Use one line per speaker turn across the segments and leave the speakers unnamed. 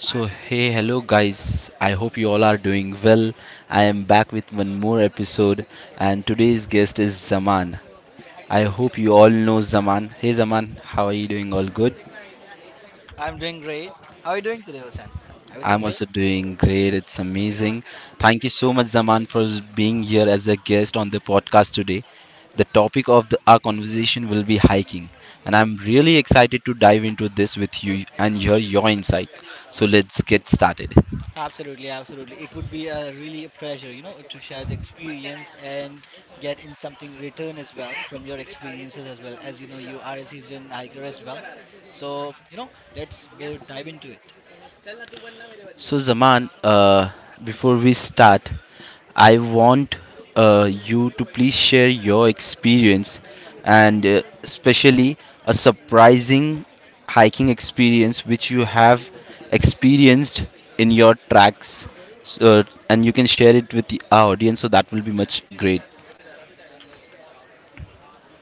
So, hey, hello guys. I hope you all are doing well. I am back with one more episode, and today's guest is Zaman. I hope you all know Zaman. Hey, Zaman, how are you doing? All good?
I'm doing great. How are you doing today, Hussein? Everything
I'm
great?
also doing great. It's amazing. Thank you so much, Zaman, for being here as a guest on the podcast today. The topic of our conversation will be hiking, and I'm really excited to dive into this with you and hear your insight. So, let's get started.
Absolutely, absolutely. It would be a really a pleasure, you know, to share the experience and get in something return as well from your experiences as well. As you know, you are a seasoned hiker as well. So, you know, let's both dive into it.
So, Zaman, before we start, I want you to please share your experience and especially a surprising hiking experience which you have experienced in your tracks. So, and you can share it with our audience, so that will be much great.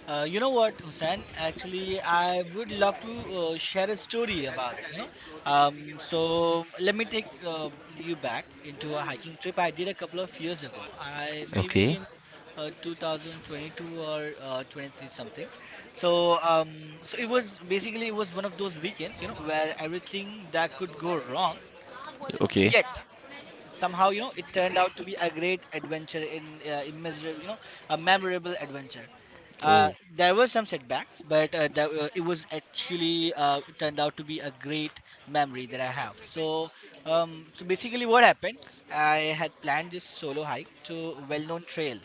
You know what, Hussein? Actually, I would love to share a story about it. So let me take you back into a hiking trip I did a couple of years ago. I maybe
Okay.
in 2022 or 23 something. So it was basically it was one of those weekends, you know, where everything that could go wrong.
Okay.
Yet somehow, you know, it turned out to be a great adventure in immeasurable, you know, a memorable adventure. uh,
Oh,
there were some setbacks, but it was actually it turned out to be a great memory that I have. So basically what happened, I had planned this solo hike to a well-known trail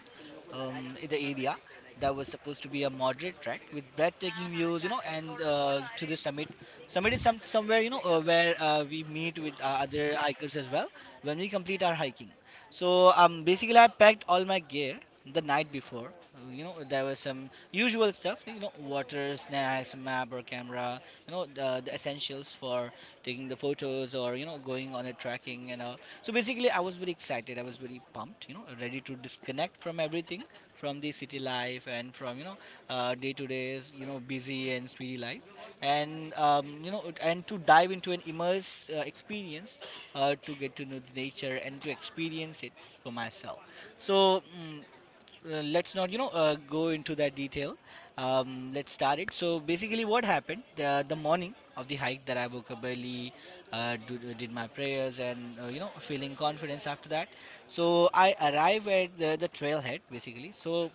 in the area that was supposed to be a moderate track with breathtaking views, you know, and to the summit. Summit is somewhere, you know, where we meet with other hikers as well when we complete our hiking. So basically I packed all my gear the night before. You know, there was some usual stuff, you know, water, snacks, map or camera, you know, the essentials for taking the photos or, you know, going on a trekking and all. So basically I was very excited, I was very pumped, you know, ready to disconnect from everything, from the city life and from, you know, day to days, you know, busy and speedy life, and you know, and to dive into an immerse experience, to get to know the nature and to experience it for myself. so mm let's not, you know, go into that detail. Let's start it. So basically what happened, the morning of the hike that I woke up early, did my prayers and, you know, feeling confidence after that. So I arrive at the trailhead basically. So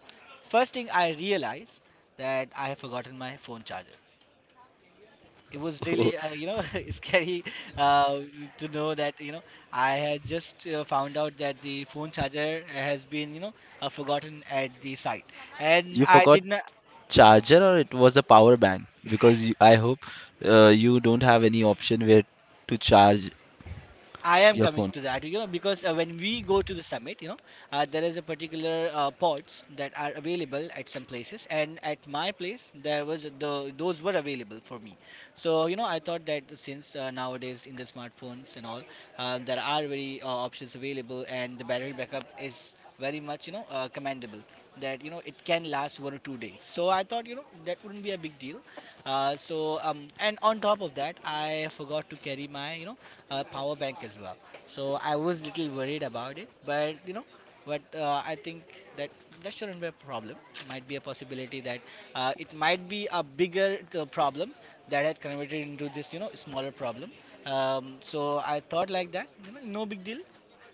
first thing I realize that I have forgotten my phone charger. It was really, you know, scary uh, to know that, you know, I had just found out that the phone charger has been, you know, forgotten at the site. And
you
I
forgot
did not.
charger or it was a power bank? Because you, I hope you don't have any option where to charge
I am
your
coming
phone.
to that, you know, because when we go to the summit, you know, there is a particular pods that are available at some places, and at my place, there was the those were available for me. So, you know, I thought that since, nowadays in the smartphones and all, there are very options available, and the battery backup is very much, you know, commendable. That, you know, it can last 1 or 2 days. So I thought, you know, that wouldn't be a big deal. And on top of that, I forgot to carry my, you know, power bank as well. So I was little worried about it, but, you know, but I think that that shouldn't be a problem. Might be a possibility that it might be a bigger problem that had converted into this, you know, smaller problem. So I thought like that, you know, no big deal,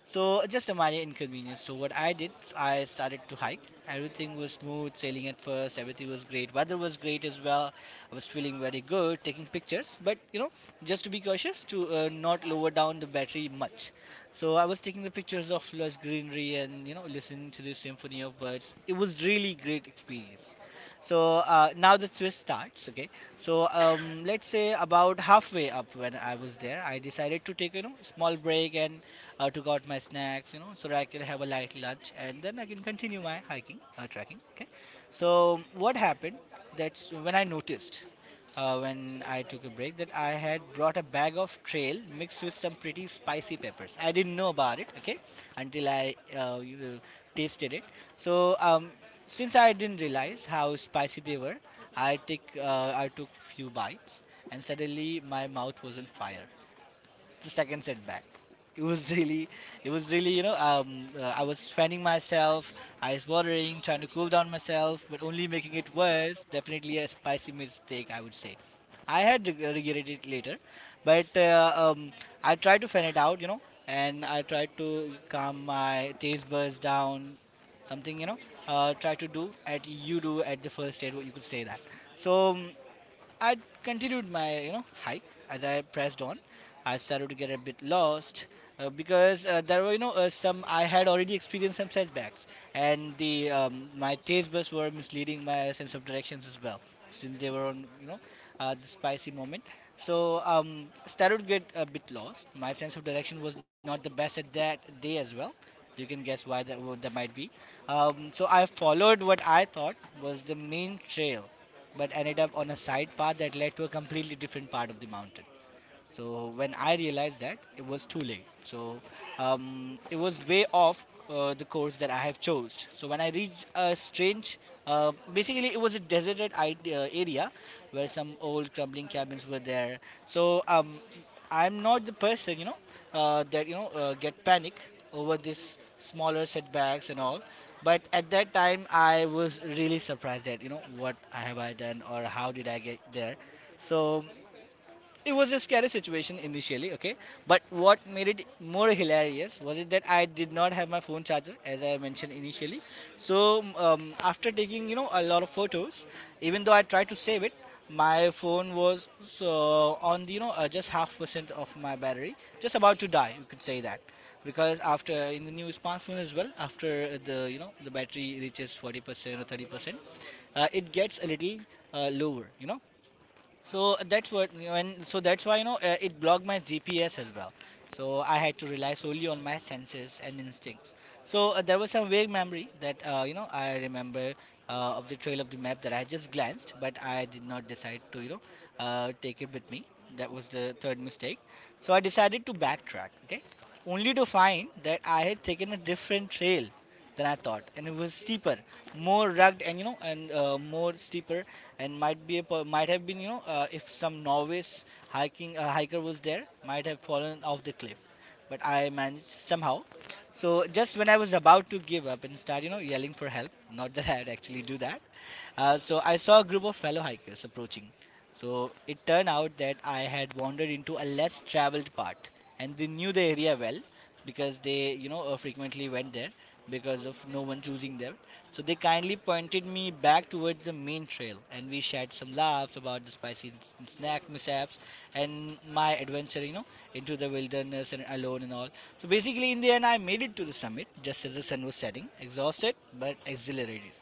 so just a minor inconvenience. So what I did, I started to hike. Everything was smooth sailing at first. Everything was great. Weather was great as well. I was feeling very good, taking pictures. But, you know, just to be cautious, to not lower down the battery much. So I was taking the pictures of lush greenery and, you know, listening to the symphony of birds. It was really great experience. So now the twist starts. Okay. So let's say about halfway up when I was there, I decided to take, you know, small break and took out my snacks, you know, so that I can have a light lunch and then I can continue my hiking, trekking. Okay. So what happened? That's when I noticed, when I took a break, that I had brought a bag of trail mixed with some pretty spicy peppers. I didn't know about it, okay, until I you know, tasted it. So um, since I didn't realize how spicy they were, I took few bites and suddenly my mouth was on fire, the second setback. It was really, it was really, you know, I was fanning myself, ice watering, trying to cool down myself, but only making it worse. Definitely a spicy mistake, I would say. I had regretted it later, but I tried to fan it out, you know, and I tried to calm my taste buds down, something, you know, try to do at you do at the first date, what you could say that. So I continued my, you know, hike as I pressed on. I started to get a bit lost, because there were, you know, some I had already experienced some setbacks, and the, my taste buds were misleading my sense of directions as well, since they were on, you know, the spicy moment. So started to get a bit lost. My sense of direction was not the best at that day as well. You can guess why that, what that might be. So I followed what I thought was the main trail, but ended up on a side path that led to a completely different part of the mountain. So when I realized that, it was too late. So it was way off the course that I have chose. So when I reached a strange, basically it was a deserted area where some old crumbling cabins were there. So I'm not the person, you know, that, you know, get panic over this smaller setbacks and all. But at that time, I was really surprised at, you know, what have I done or how did I get there. So it was a scary situation initially, okay, but what made it more hilarious was it that I did not have my phone charger, as I mentioned initially. So after taking, you know, a lot of photos, even though I tried to save it, my phone was so on the, you know, just half percent of my battery, just about to die, you could say that, because after in the new smartphone as well, after the, you know, the battery reaches 40% or 30%, it gets a little lower, you know. So that's what when so that's why, you know, it blocked my GPS as well. So I had to rely solely on my senses and instincts. So there was some vague memory that, you know, I remember of the trail of the map that I just glanced, but I did not decide to, you know, take it with me. That was the third mistake. So I decided to backtrack. Okay, only to find that I had taken a different trail than I thought, and it was steeper, more rugged, and, you know, and more steeper, and might be might have been, you know, if some novice hiking hiker was there, might have fallen off the cliff, but I managed somehow. So just when I was about to give up and start, you know, yelling for help, not that I'd actually do that, so I saw a group of fellow hikers approaching. So it turned out that I had wandered into a less traveled part, and they knew the area well, because they, you know, frequently went there because of no one choosing them. So they kindly pointed me back towards the main trail, and we shared some laughs about the spicy snack mishaps and my adventure, you know, into the wilderness and alone and all. So basically, in the end, I made it to the summit just as the sun was setting, exhausted but exhilarated.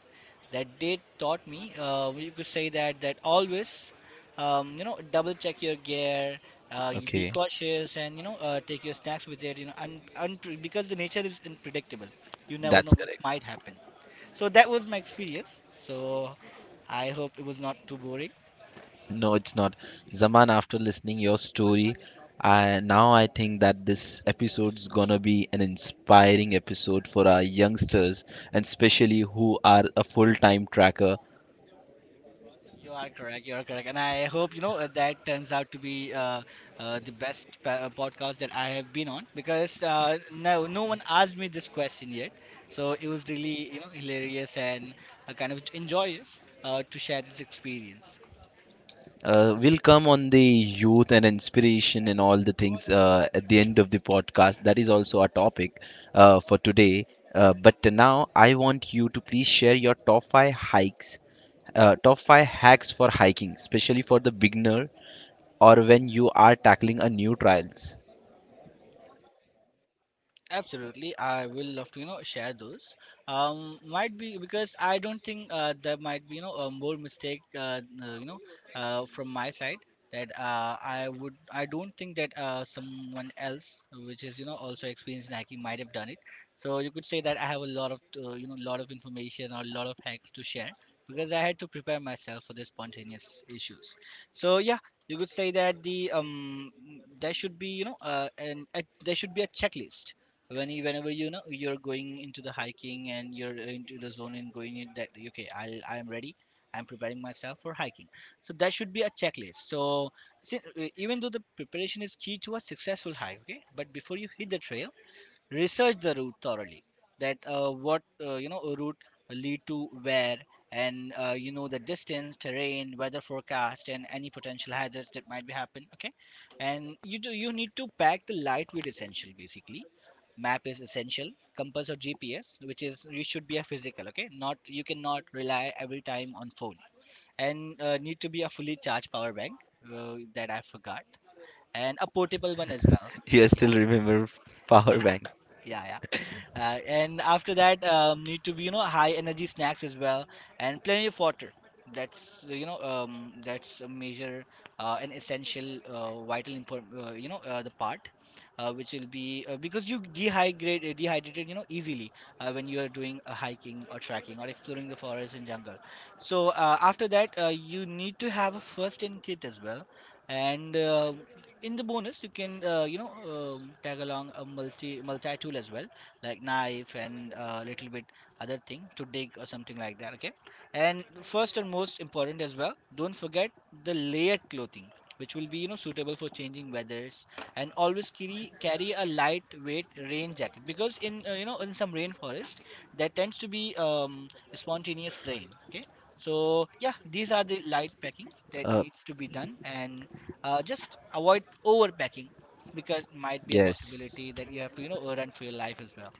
That day taught me, you could say that, that always you know, double check your gear, you be
Okay,
cautious, and, you know, take your snacks with it, you know, because the nature is unpredictable, you never know
that's
what
correct.
might happen. So that was my experience. So I hope it was not too boring.
No, it's not. Zaman, after listening your story, I now I think that this episode's gonna be an inspiring episode for our youngsters and especially who are a full-time tracker.
You are correct. You are correct, and I hope that turns out to be the best podcast that I have been on because no, no one asked me this question yet, so it was really hilarious and kind of joyous to share this experience.
We'll come on the youth and inspiration and all the things at the end of the podcast. That is also a topic for today. But now I want you to please share your top five hikes, top five hacks for hiking, especially for the beginner or when you are tackling a new trials.
Absolutely, I will love to share those. Might be because I don't think there might be a more mistake from my side that I don't think that someone else which is also experienced in hacking might have done it. So you could say that I have a lot of lot of information or a lot of hacks to share because I had to prepare myself for the spontaneous issues. So yeah, you could say that there should be an there should be a checklist when whenever you're going into the hiking and you're into the zone and going in that okay, I will, I am ready. I'm preparing myself for hiking, so that should be a checklist. Si- Even though the preparation is key to a successful hike, okay, but before you hit the trail, research the route thoroughly, that what you know route lead to where, and the distance, terrain, weather forecast, and any potential hazards that might be happen. Okay, and you need to pack the lightweight essential basically. Map is essential, compass or gps, which is you should be a physical, okay, not you cannot rely every time on phone. And need to be a fully charged power bank, that I forgot, and a portable one as well.
You still
Yeah
remember power bank?
yeah yeah and after that, need to be high energy snacks as well, and plenty of water. That's that's a major, an essential, vital import, you know the part which will be because you dehydrated easily when you are doing a hiking or trekking or exploring the forest and jungle. So after that you need to have a first aid kit as well. And in the bonus you can tag along a multi tool as well, like knife and a little bit other thing to dig or something like that. Okay, and first and most important as well, don't forget the layered clothing, which will be suitable for changing weathers. And always carry a lightweight rain jacket, because in in some rainforest there tends to be spontaneous rain. Okay, so yeah, these are the light packings that needs to be done, and just avoid overpacking, because might be a possibility
Yes.
that you have to run for your life as well.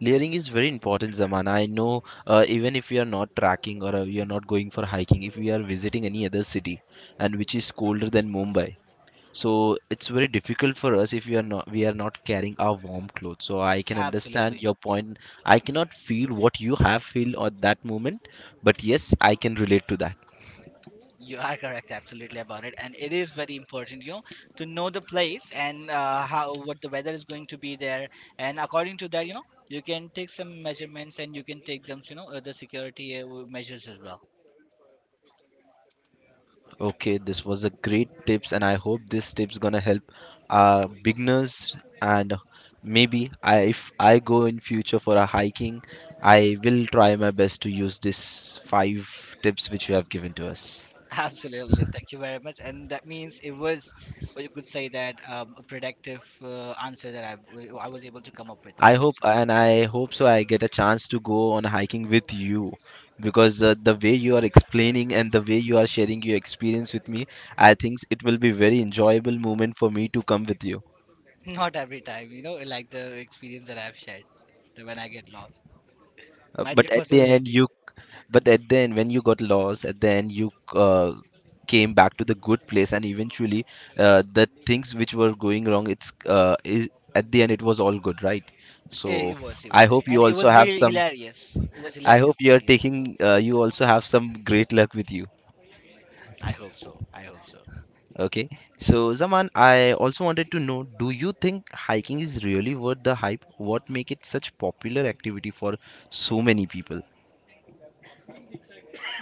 Layering is very important, Zaman. I know even if we are not tracking or we are not going for hiking, if we are visiting any other city and which is colder than Mumbai, so it's very difficult for us if we are not carrying our warm clothes. So I can understand
Absolutely.
your point. I cannot feel what you have feel at that moment, but yes, I can relate to that.
You are correct absolutely about it, and it is very important, to know the place and how, what the weather is going to be there, and according to that you can take some measurements, and you can take them, the security measures as well.
Okay, this was a great tips and I hope this tips gonna help beginners and maybe I if I go in future for a hiking, I will try my best to use these five tips which you have given to us.
Absolutely, thank you very much, and that means it was, well, you could say that a productive answer that I was able to come up with. I
I
hope
hope
so.
and I hope so I get a chance to go on hiking with you because the way you are explaining and the way you are sharing your experience with me, I think it will be very enjoyable moment for me to come with you.
Not every time, you know, like the experience that I've shared, that when I get lost, might be
But
a
at the end
possibility.
you, but at the end when you got lost at the end you uh, came back to the good place and eventually the things which were going wrong it's is at the end it was all good, right?
Eh,
So
It was, it
I
was,
hope
and
you
it
also
was
have
really
some,
hilarious. It was
I
hilarious
hope you are
experience.
taking, you also have some great luck with you.
I hope so. I hope so.
Okay, so Zaman, I also wanted to know, do you think hiking is really worth the hype? What make it such popular activity for so many people?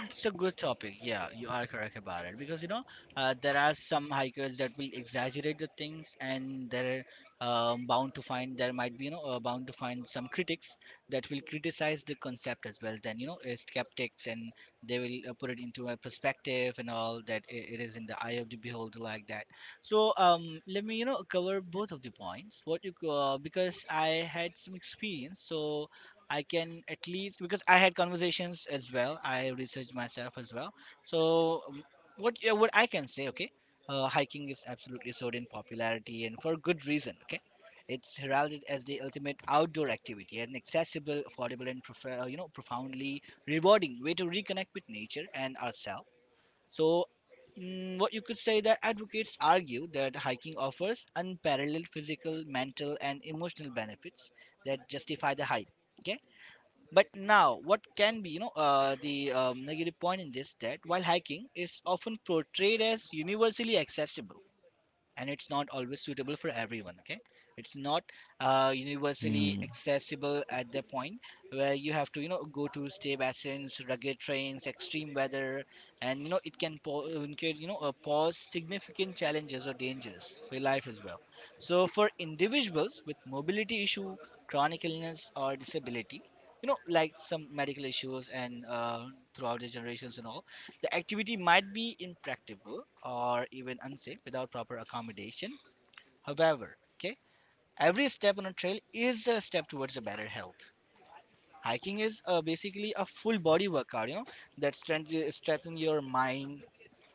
It's a good topic. Yeah, you are correct about it, because there are some hikers that will exaggerate the things, and they're bound to find, there might be bound to find some critics that will criticize the concept as well. Then skeptics, and they will put it into a perspective, and all that, I it is in the eye of the beholder like that. So let me cover both of the points. What you Because I had some experience, so I can at least, because I had conversations as well. I researched myself as well. So what I can say, okay, hiking is absolutely soared in popularity and for good reason. Okay, it's heralded as the ultimate outdoor activity, an accessible, affordable, and profoundly rewarding way to reconnect with nature and ourselves. So. What you could say that advocates argue that hiking offers unparalleled physical, mental, and emotional benefits that justify the hype. Okay, but now, what can be, you know, the negative point in this, that while hiking is often portrayed as universally accessible, and it's not always suitable for everyone. Okay, it's not universally
Mm,
accessible at the point where you have to go to stay basins, rugged trains, extreme weather, and you know it can pose significant challenges or dangers for your life as well. So for individuals with mobility issue, chronic illness or disability, like some medical issues, and throughout the generations and all, the activity might be impractical or even unsafe without proper accommodation. However, okay, every step on a trail is a step towards a better health. Hiking is basically a full body workout, you know, that strengthen your mind,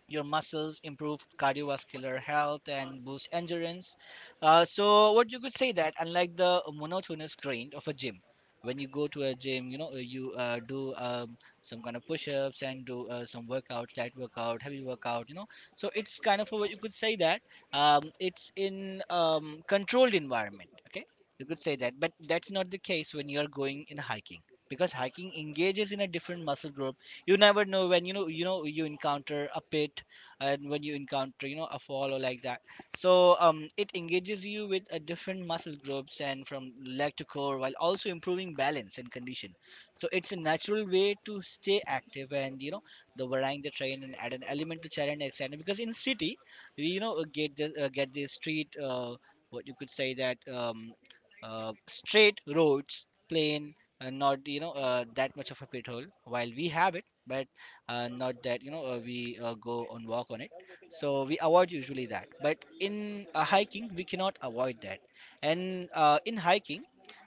your muscles, improve cardiovascular health, and boost endurance. So, what you could say that unlike the monotonous grind of a gym, when you go to a gym, you know you do some kind of push-ups and do some workouts, light workout, heavy workout. You know, so it's kind of a, what you could say that it's in controlled environment. Okay, you could say that, but that's not the case when you are going in hiking, because hiking engages in a different muscle group. You never know when you encounter a pit, and when you encounter a fall or like that. So it engages you with a different muscle groups, and from leg to core, while also improving balance and condition. So it's a natural way to stay active, and you know the varying the train and add an element to challenge and excitement, because in city we get the street what you could say that straight roads, plain, and not that much of a pit hole while we have it, but not that you know we go on walk on it, so we avoid usually that. But in hiking we cannot avoid that. And in hiking,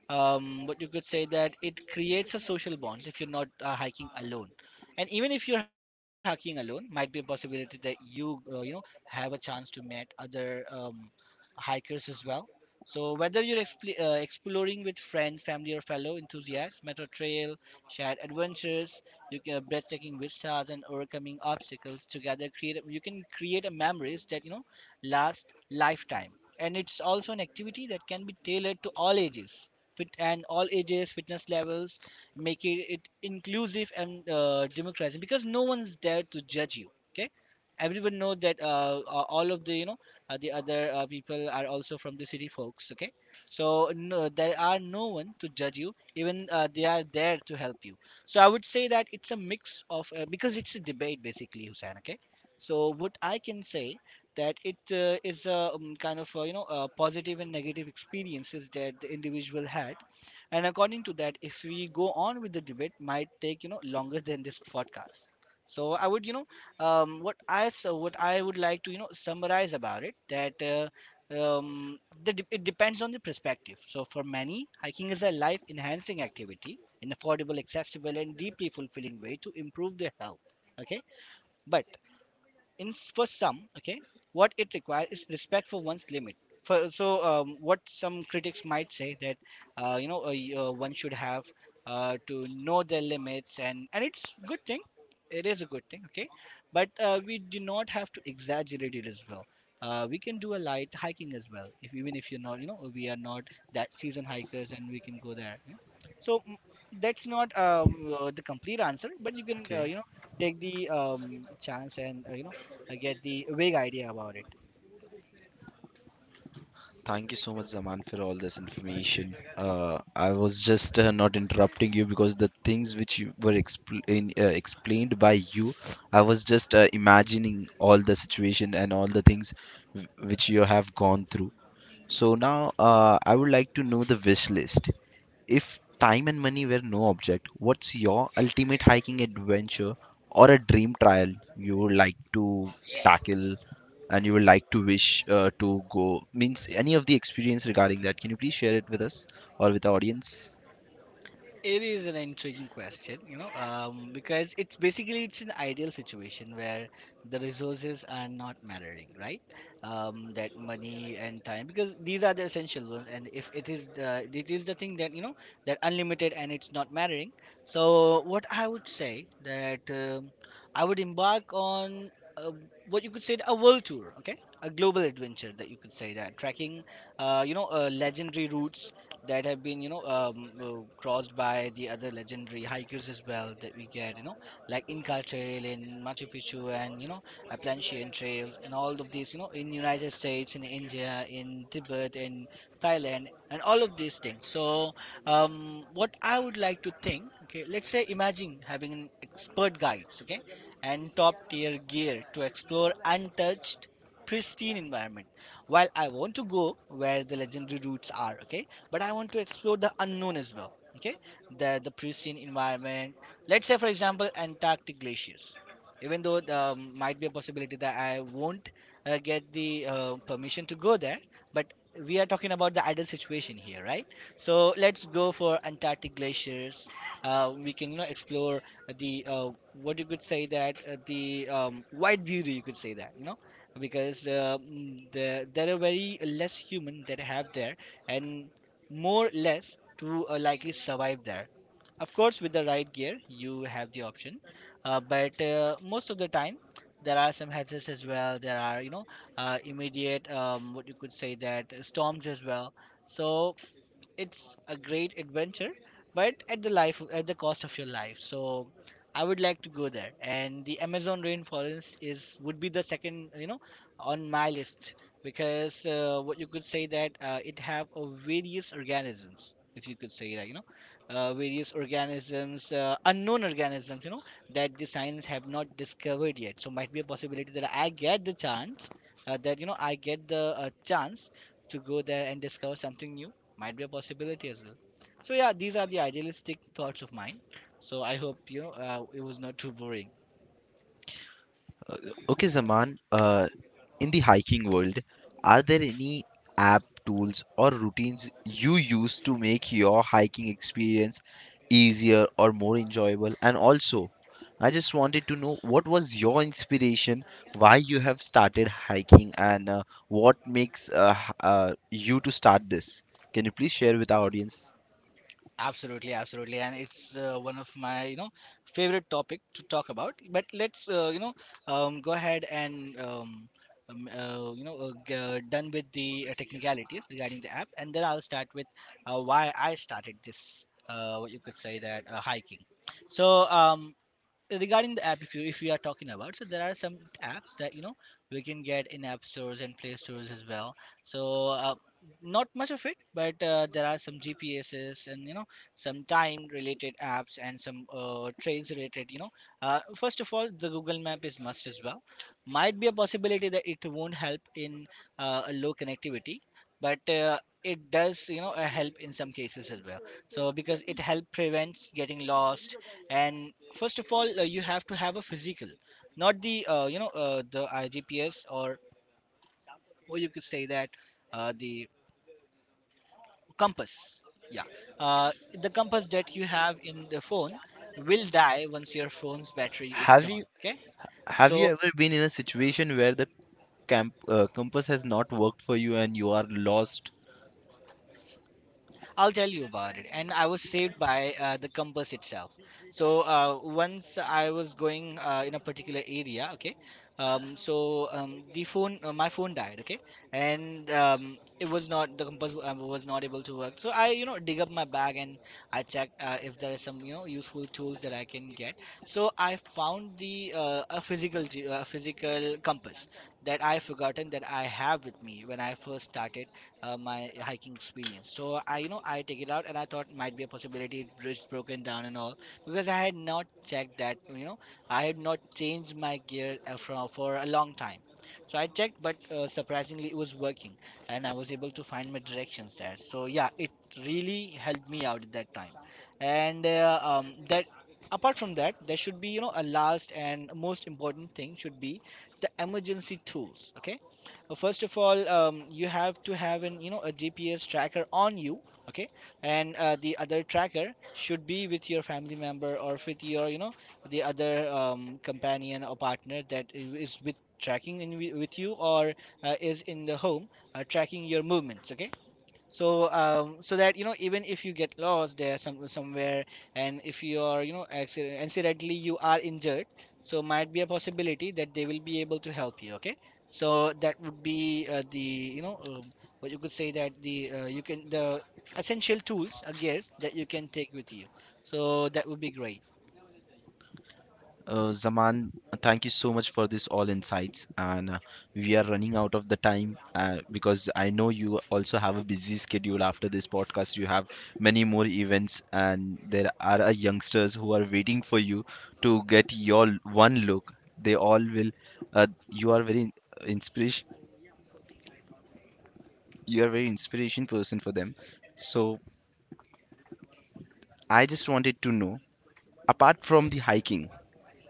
but you could say that it creates a social bonds if you're not hiking alone. And even if you're hiking alone, might be a possibility that you you know have a chance to meet other hikers as well. So whether you're exploring with friends, family or fellow enthusiasts, metro trail, shared adventures, you can breathtaking vistas and overcoming obstacles together, you can create a memories that last lifetime. And it's also an activity that can be tailored to all ages, fitness levels, making it inclusive and democratizing, because no one's there to judge you. Okay, everyone know that all of the the other people are also from the city folks. Okay, so no, there are no one to judge you, even they are there to help you. So I would say that it's a mix of because it's a debate basically, Hussein. Okay. So what I can say that it is a kind of positive and negative experiences that the individual had. And according to that, if we go on with the debate, might take longer than this podcast. So I would you know what I so what I would like to summarize about it, that um, it depends on the perspective. So for many, hiking is a life enhancing activity, an affordable, accessible and deeply fulfilling way to improve their health. Okay, but in, for some, okay, what it requires is respect for one's limit. So what some critics might say, that one should have to know their limits, and it's good thing, it is a good thing. Okay, but we do not have to exaggerate it as well. We can do a light hiking as well, if, even if you're not, you know, we are not that season hikers, and we can go there, yeah? So that's not the complete answer, but you can
okay.
take the chance and I get the vague idea about it.
Thank you so much, Zaman, for all this information. I was just not interrupting you because the things which you were explained by you, I was just imagining all the situation and all the things which you have gone through. So now I would like to know the wish list. If time and money were no object, what's your ultimate hiking adventure or a dream trial you would like to tackle and you would like to wish to go? Means any of the experience regarding that. Can you please share it with us or with the audience?
It is an intriguing question, because it's basically it's an ideal situation where the resources are not mattering, right? That money and time, because these are the essential ones, and if it is the thing that that unlimited and it's not mattering. So what I would say that I would embark on what you could say a world tour, okay, a global adventure that you could say that tracking, legendary routes that have been crossed by the other legendary hikers as well that we get like Inca Trail in Machu Picchu and Appalachian Trails and all of these in United States, in India, in Tibet, in Thailand, and all of these things. So what I would like to think, okay, let's say imagine having an expert guides, okay, and top tier gear to explore untouched pristine environment, while I want to go where the legendary routes are, okay? But I want to explore the unknown as well, okay, the pristine environment. Let's say for example antarctic glaciers. Even though there might be a possibility that I won't get the permission to go there, but we are talking about the ideal situation here, right? So let's go for antarctic glaciers. We can explore the what you could say that the white beauty, you could say that, you know, because there are very less human that have there, and more less to likely survive there. Of course, with the right gear, you have the option, but most of the time, there are some hazards as well. There are immediate what you could say that storms as well. So it's a great adventure, but at the cost of your life. So I would like to go there, and the Amazon rainforest is would be the second, you know, on my list, because what you could say that it have various organisms, if you could say that, you know, various organisms, unknown organisms, you know, that the science have not discovered yet. So might be a possibility that I get the chance, that you know I get the chance to go there and discover something new, might be a possibility as well. So yeah, these are the idealistic thoughts of mine, so I hope it was not too boring.
Okay, Zaman, in the hiking world, are there any app, tools, or routines you use to make your hiking experience easier or more enjoyable? And also, I just wanted to know what was your inspiration, why you have started hiking, and what makes you to start this? Can you please share with our audience?
Absolutely, absolutely. And it's one of my favorite topic to talk about, but let's go ahead and done with the technicalities regarding the app, and then I'll start with why I started this, what you could say that hiking. So regarding the app, if you if we are talking about, so there are some apps that we can get in app stores and play stores as well. So not much of it, but there are some gpss, and some time related apps and some trains related first of all, the Google Map is must as well. Might be a possibility that it won't help in a low connectivity, but it does help in some cases as well, so because it help prevents getting lost. And first of all, you have to have a physical, not the the igps, or you could say that the compass. Yeah. uh, the compass that you have in the phone will die once your phone's battery is
Have
done,
you
okay.
have you
So
ever been in a situation where the camp compass has not worked for you and you are lost?
I'll tell you about it. And I was saved by the compass itself. So once I was going in a particular area, okay. The phone, my phone died, okay, and it was not the compass, was not able to work. So I, you know, dig up my bag and I check if there is some, you know, useful tools that I can get. So I found the a physical compass that I forgotten that I have with me when I first started my hiking experience. So I take it out, and I thought might be a possibility it's broken down and all, because I had not checked that, you know, I had not changed my gear for a long time. So I checked, but surprisingly it was working, and I was able to find my directions there. So yeah, it really helped me out at that time. And that apart from that, there should be, you know, a last and most important thing should be the emergency tools, okay. First of all, you have to have an you know a gps tracker on you, okay. And the other tracker should be with your family member or with your, the other companion or partner that is with tracking with you, or is in the home, tracking your movements, okay. So so that, you know, even if you get lost there somewhere, and if you are, you know, incidentally you are injured, so might be a possibility that they will be able to help you, okay. So that would be the, you know um, what you could say that the you can the essential tools, gears that you can take with you, so that would be great.
Zaman, thank you so much for this all insights, and we are running out of the time because I know you also have a busy schedule after this podcast. You have many more events, and there are youngsters who are waiting for you to get your one look. They all will. You are very inspiration. You are very inspiration person for them. So I just wanted to know, apart from the hiking.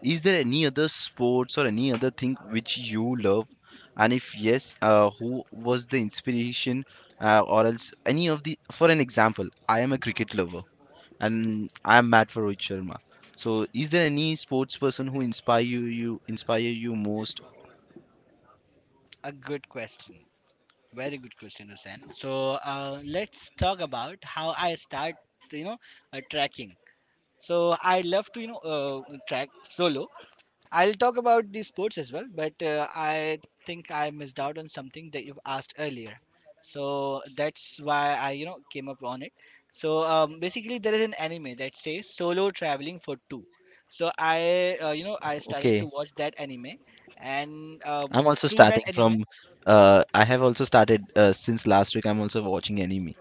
Is there any other sports or any other thing which you love? And if yes, who was the inspiration, or else any of the? For an example, I am a cricket lover, and I am mad for Rohit Sharma. So, is there any sports person who inspire you, you inspire you most?
A good question, very good question, Hussein. So let's talk about how I start, you know, tracking. So I love to, track solo. I'll talk about the sports as well, but I think I missed out on something that you've asked earlier. So that's why I came up on it. So basically, there is an anime that says Solo Traveling for Two. So I you know I started
Okay,
to watch that anime, and
I'm also
through
starting
that anime,
from. I have also started since last week. I'm also watching anime.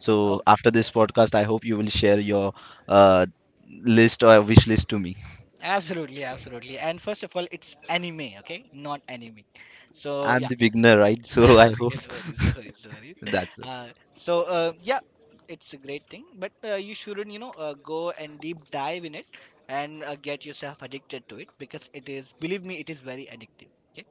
So
oh,
after this podcast, I hope you will share your uh, list or wish list to me.
absolutely, absolutely. And first of all, it's anime, okay, not anime. So
I'm
yeah,
the beginner, right? So I hope.
okay, no worries, no worries, no worries.
That's it.
Uh, yeah, it's a great thing, but you shouldn't, you know, go and deep dive in it, and get yourself addicted to it, because it is, believe me, it is very addictive. Okay,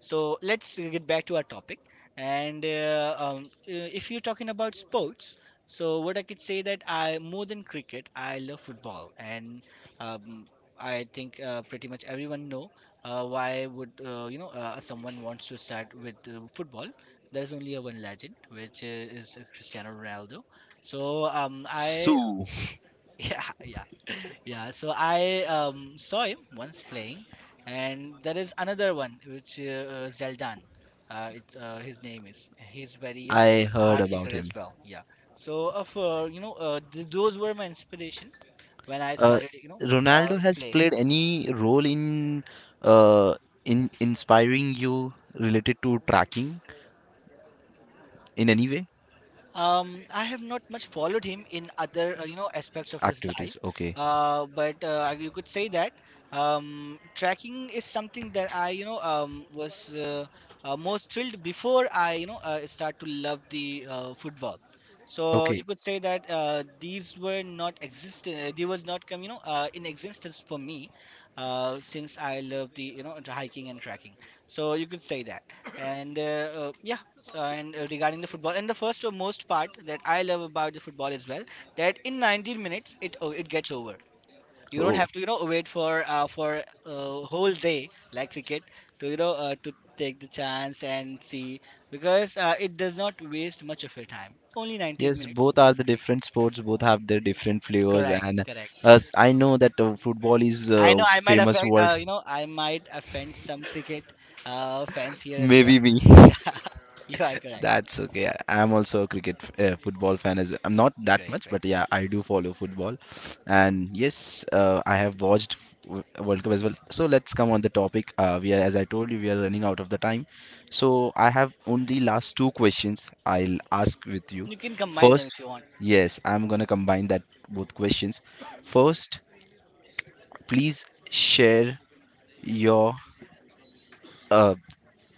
so let's get back to our topic. And if you're talking about sports, so what I could say that I more than cricket, I love football. And um, I think pretty much everyone know why would someone wants to start with football. There's only a one legend, which is Cristiano Ronaldo. So I
Sue,
yeah, yeah, yeah. So I saw him once playing, and there is another one which Zeldan. It's his name is. He's very, you know,
I
a
heard
hard kicker
about
as
him.
well. Yeah. So of those were my inspiration when I
Uh,
started, you know,
Ronaldo has
play.
played any role uh, in inspiring you related to tracking in any way?
I have not much followed him in other you know aspects of his
Activities.
life,
Okay.
but you could say that tracking is something that I was most thrilled before I start to love the football. So you
Okay.
could say that these were not exist. They was not come in existence for me, since I love the, you know, hiking and tracking. So you could say that, and yeah, and regarding the football, and the first or most part that I love about the football as well, that in 19 minutes it gets over. You don't
Oh,
have to, you know, wait for a whole day like cricket to take the chance and see, because it does not waste much of your time. Only 19
yes.
minutes
Both are
is
the
great.
different sports. Both have their different flavors,
Correct,
and
correct.
I know that football is
I know I might
famous
affect
world.
you know I might offend some cricket fans here as well.
Maybe me.
Yeah, you are correct.
That's okay. I'm also a cricket f- football fan as well. I'm not that
Great,
much,
great.
but yeah, I do follow football. And yes, I have watched World Cup as well. So let's come on the topic. We are, as I told you, we are running out of the time. So I have only last two questions I'll ask with you.
You can combine them
First,
if you want.
yes, I'm gonna combine that both questions. First, please share your uh,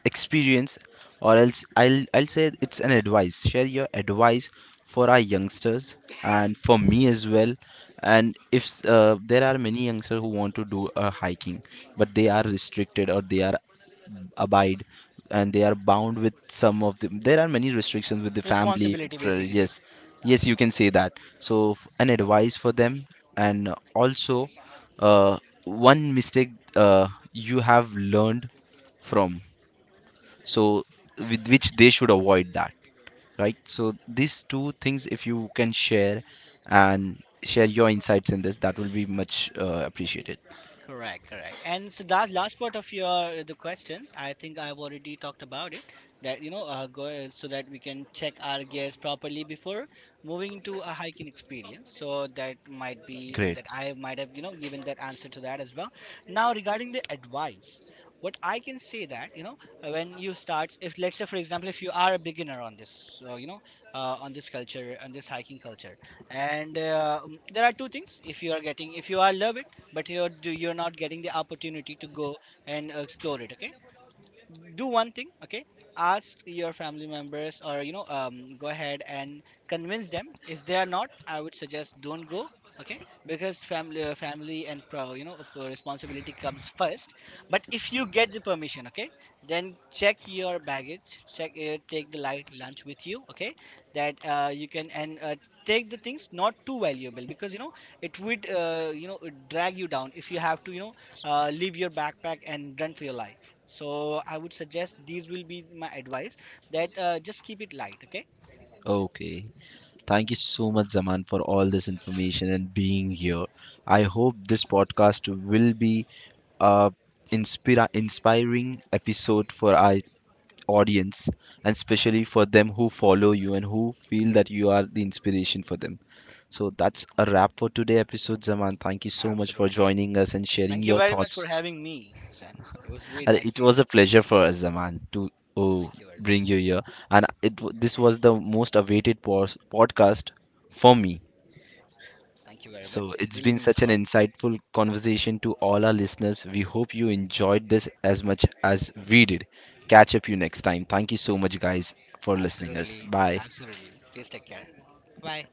experience or else I'll say it's an advice. Share your advice for our youngsters and for me as well. And if there are many youngsters who want to do a hiking, but they are restricted or they are abide and they are bound with some of there are many restrictions with the family with
responsibility basically
yes, yes, you can say that. So, an advice for them and also uh, one mistake uh, you have learned from, so with which they should avoid that, right? So these two things if you can share and share your insights in this that will be much appreciated.
Correct, correct. And so that last part of your the questions, I think I've already talked about it. That, you know, go, so that we can check our gears properly before moving to a hiking experience. So that might be
Great.
that I might have, you know, given that answer to that as well. Now regarding the advice, what I can say that, you know, when you start, if let's say for example, if you are a beginner on this, so you know, on this culture, on this hiking culture, and there are two things. If if you are love it, but you're you're not getting the opportunity to go and explore it, okay. Do one thing, okay, ask your family members or, you know, go ahead and convince them. If they are not, I would suggest don't go, okay, because family and pro, you know responsibility comes first. But if you get the permission, okay, then check your baggage, check it, take the light lunch with you, okay, that you can. And take the things not too valuable, because, you know, it would, you know, drag you down if you have to, you know, leave your backpack and run for your life. So I would suggest these will be my advice, that just keep it light, okay.
Okay. Thank you so much, Zaman, for all this information and being here. I hope this podcast will be a inspiring episode for our audience and especially for them who follow you and who feel that you are the inspiration for them. So that's a wrap for today episode, Zaman. Thank you so much for
Absolutely,
joining us and sharing
thank you
your
very much
thoughts.
for having me, Sen. It was really
And
nice
it was a
experience.
pleasure for us, Zaman, to, oh,
Thank you very
bring
much.
you here. And this was the most awaited podcast for me.
Thank you very
So
much, it
it's
really
been
means
such
a
an
lot.
insightful conversation. To all our listeners. We hope you enjoyed this as much as we did. Catch up you next time. Thank you so much guys for listening us.
Absolutely,
Bye.
absolutely, please take care. Bye.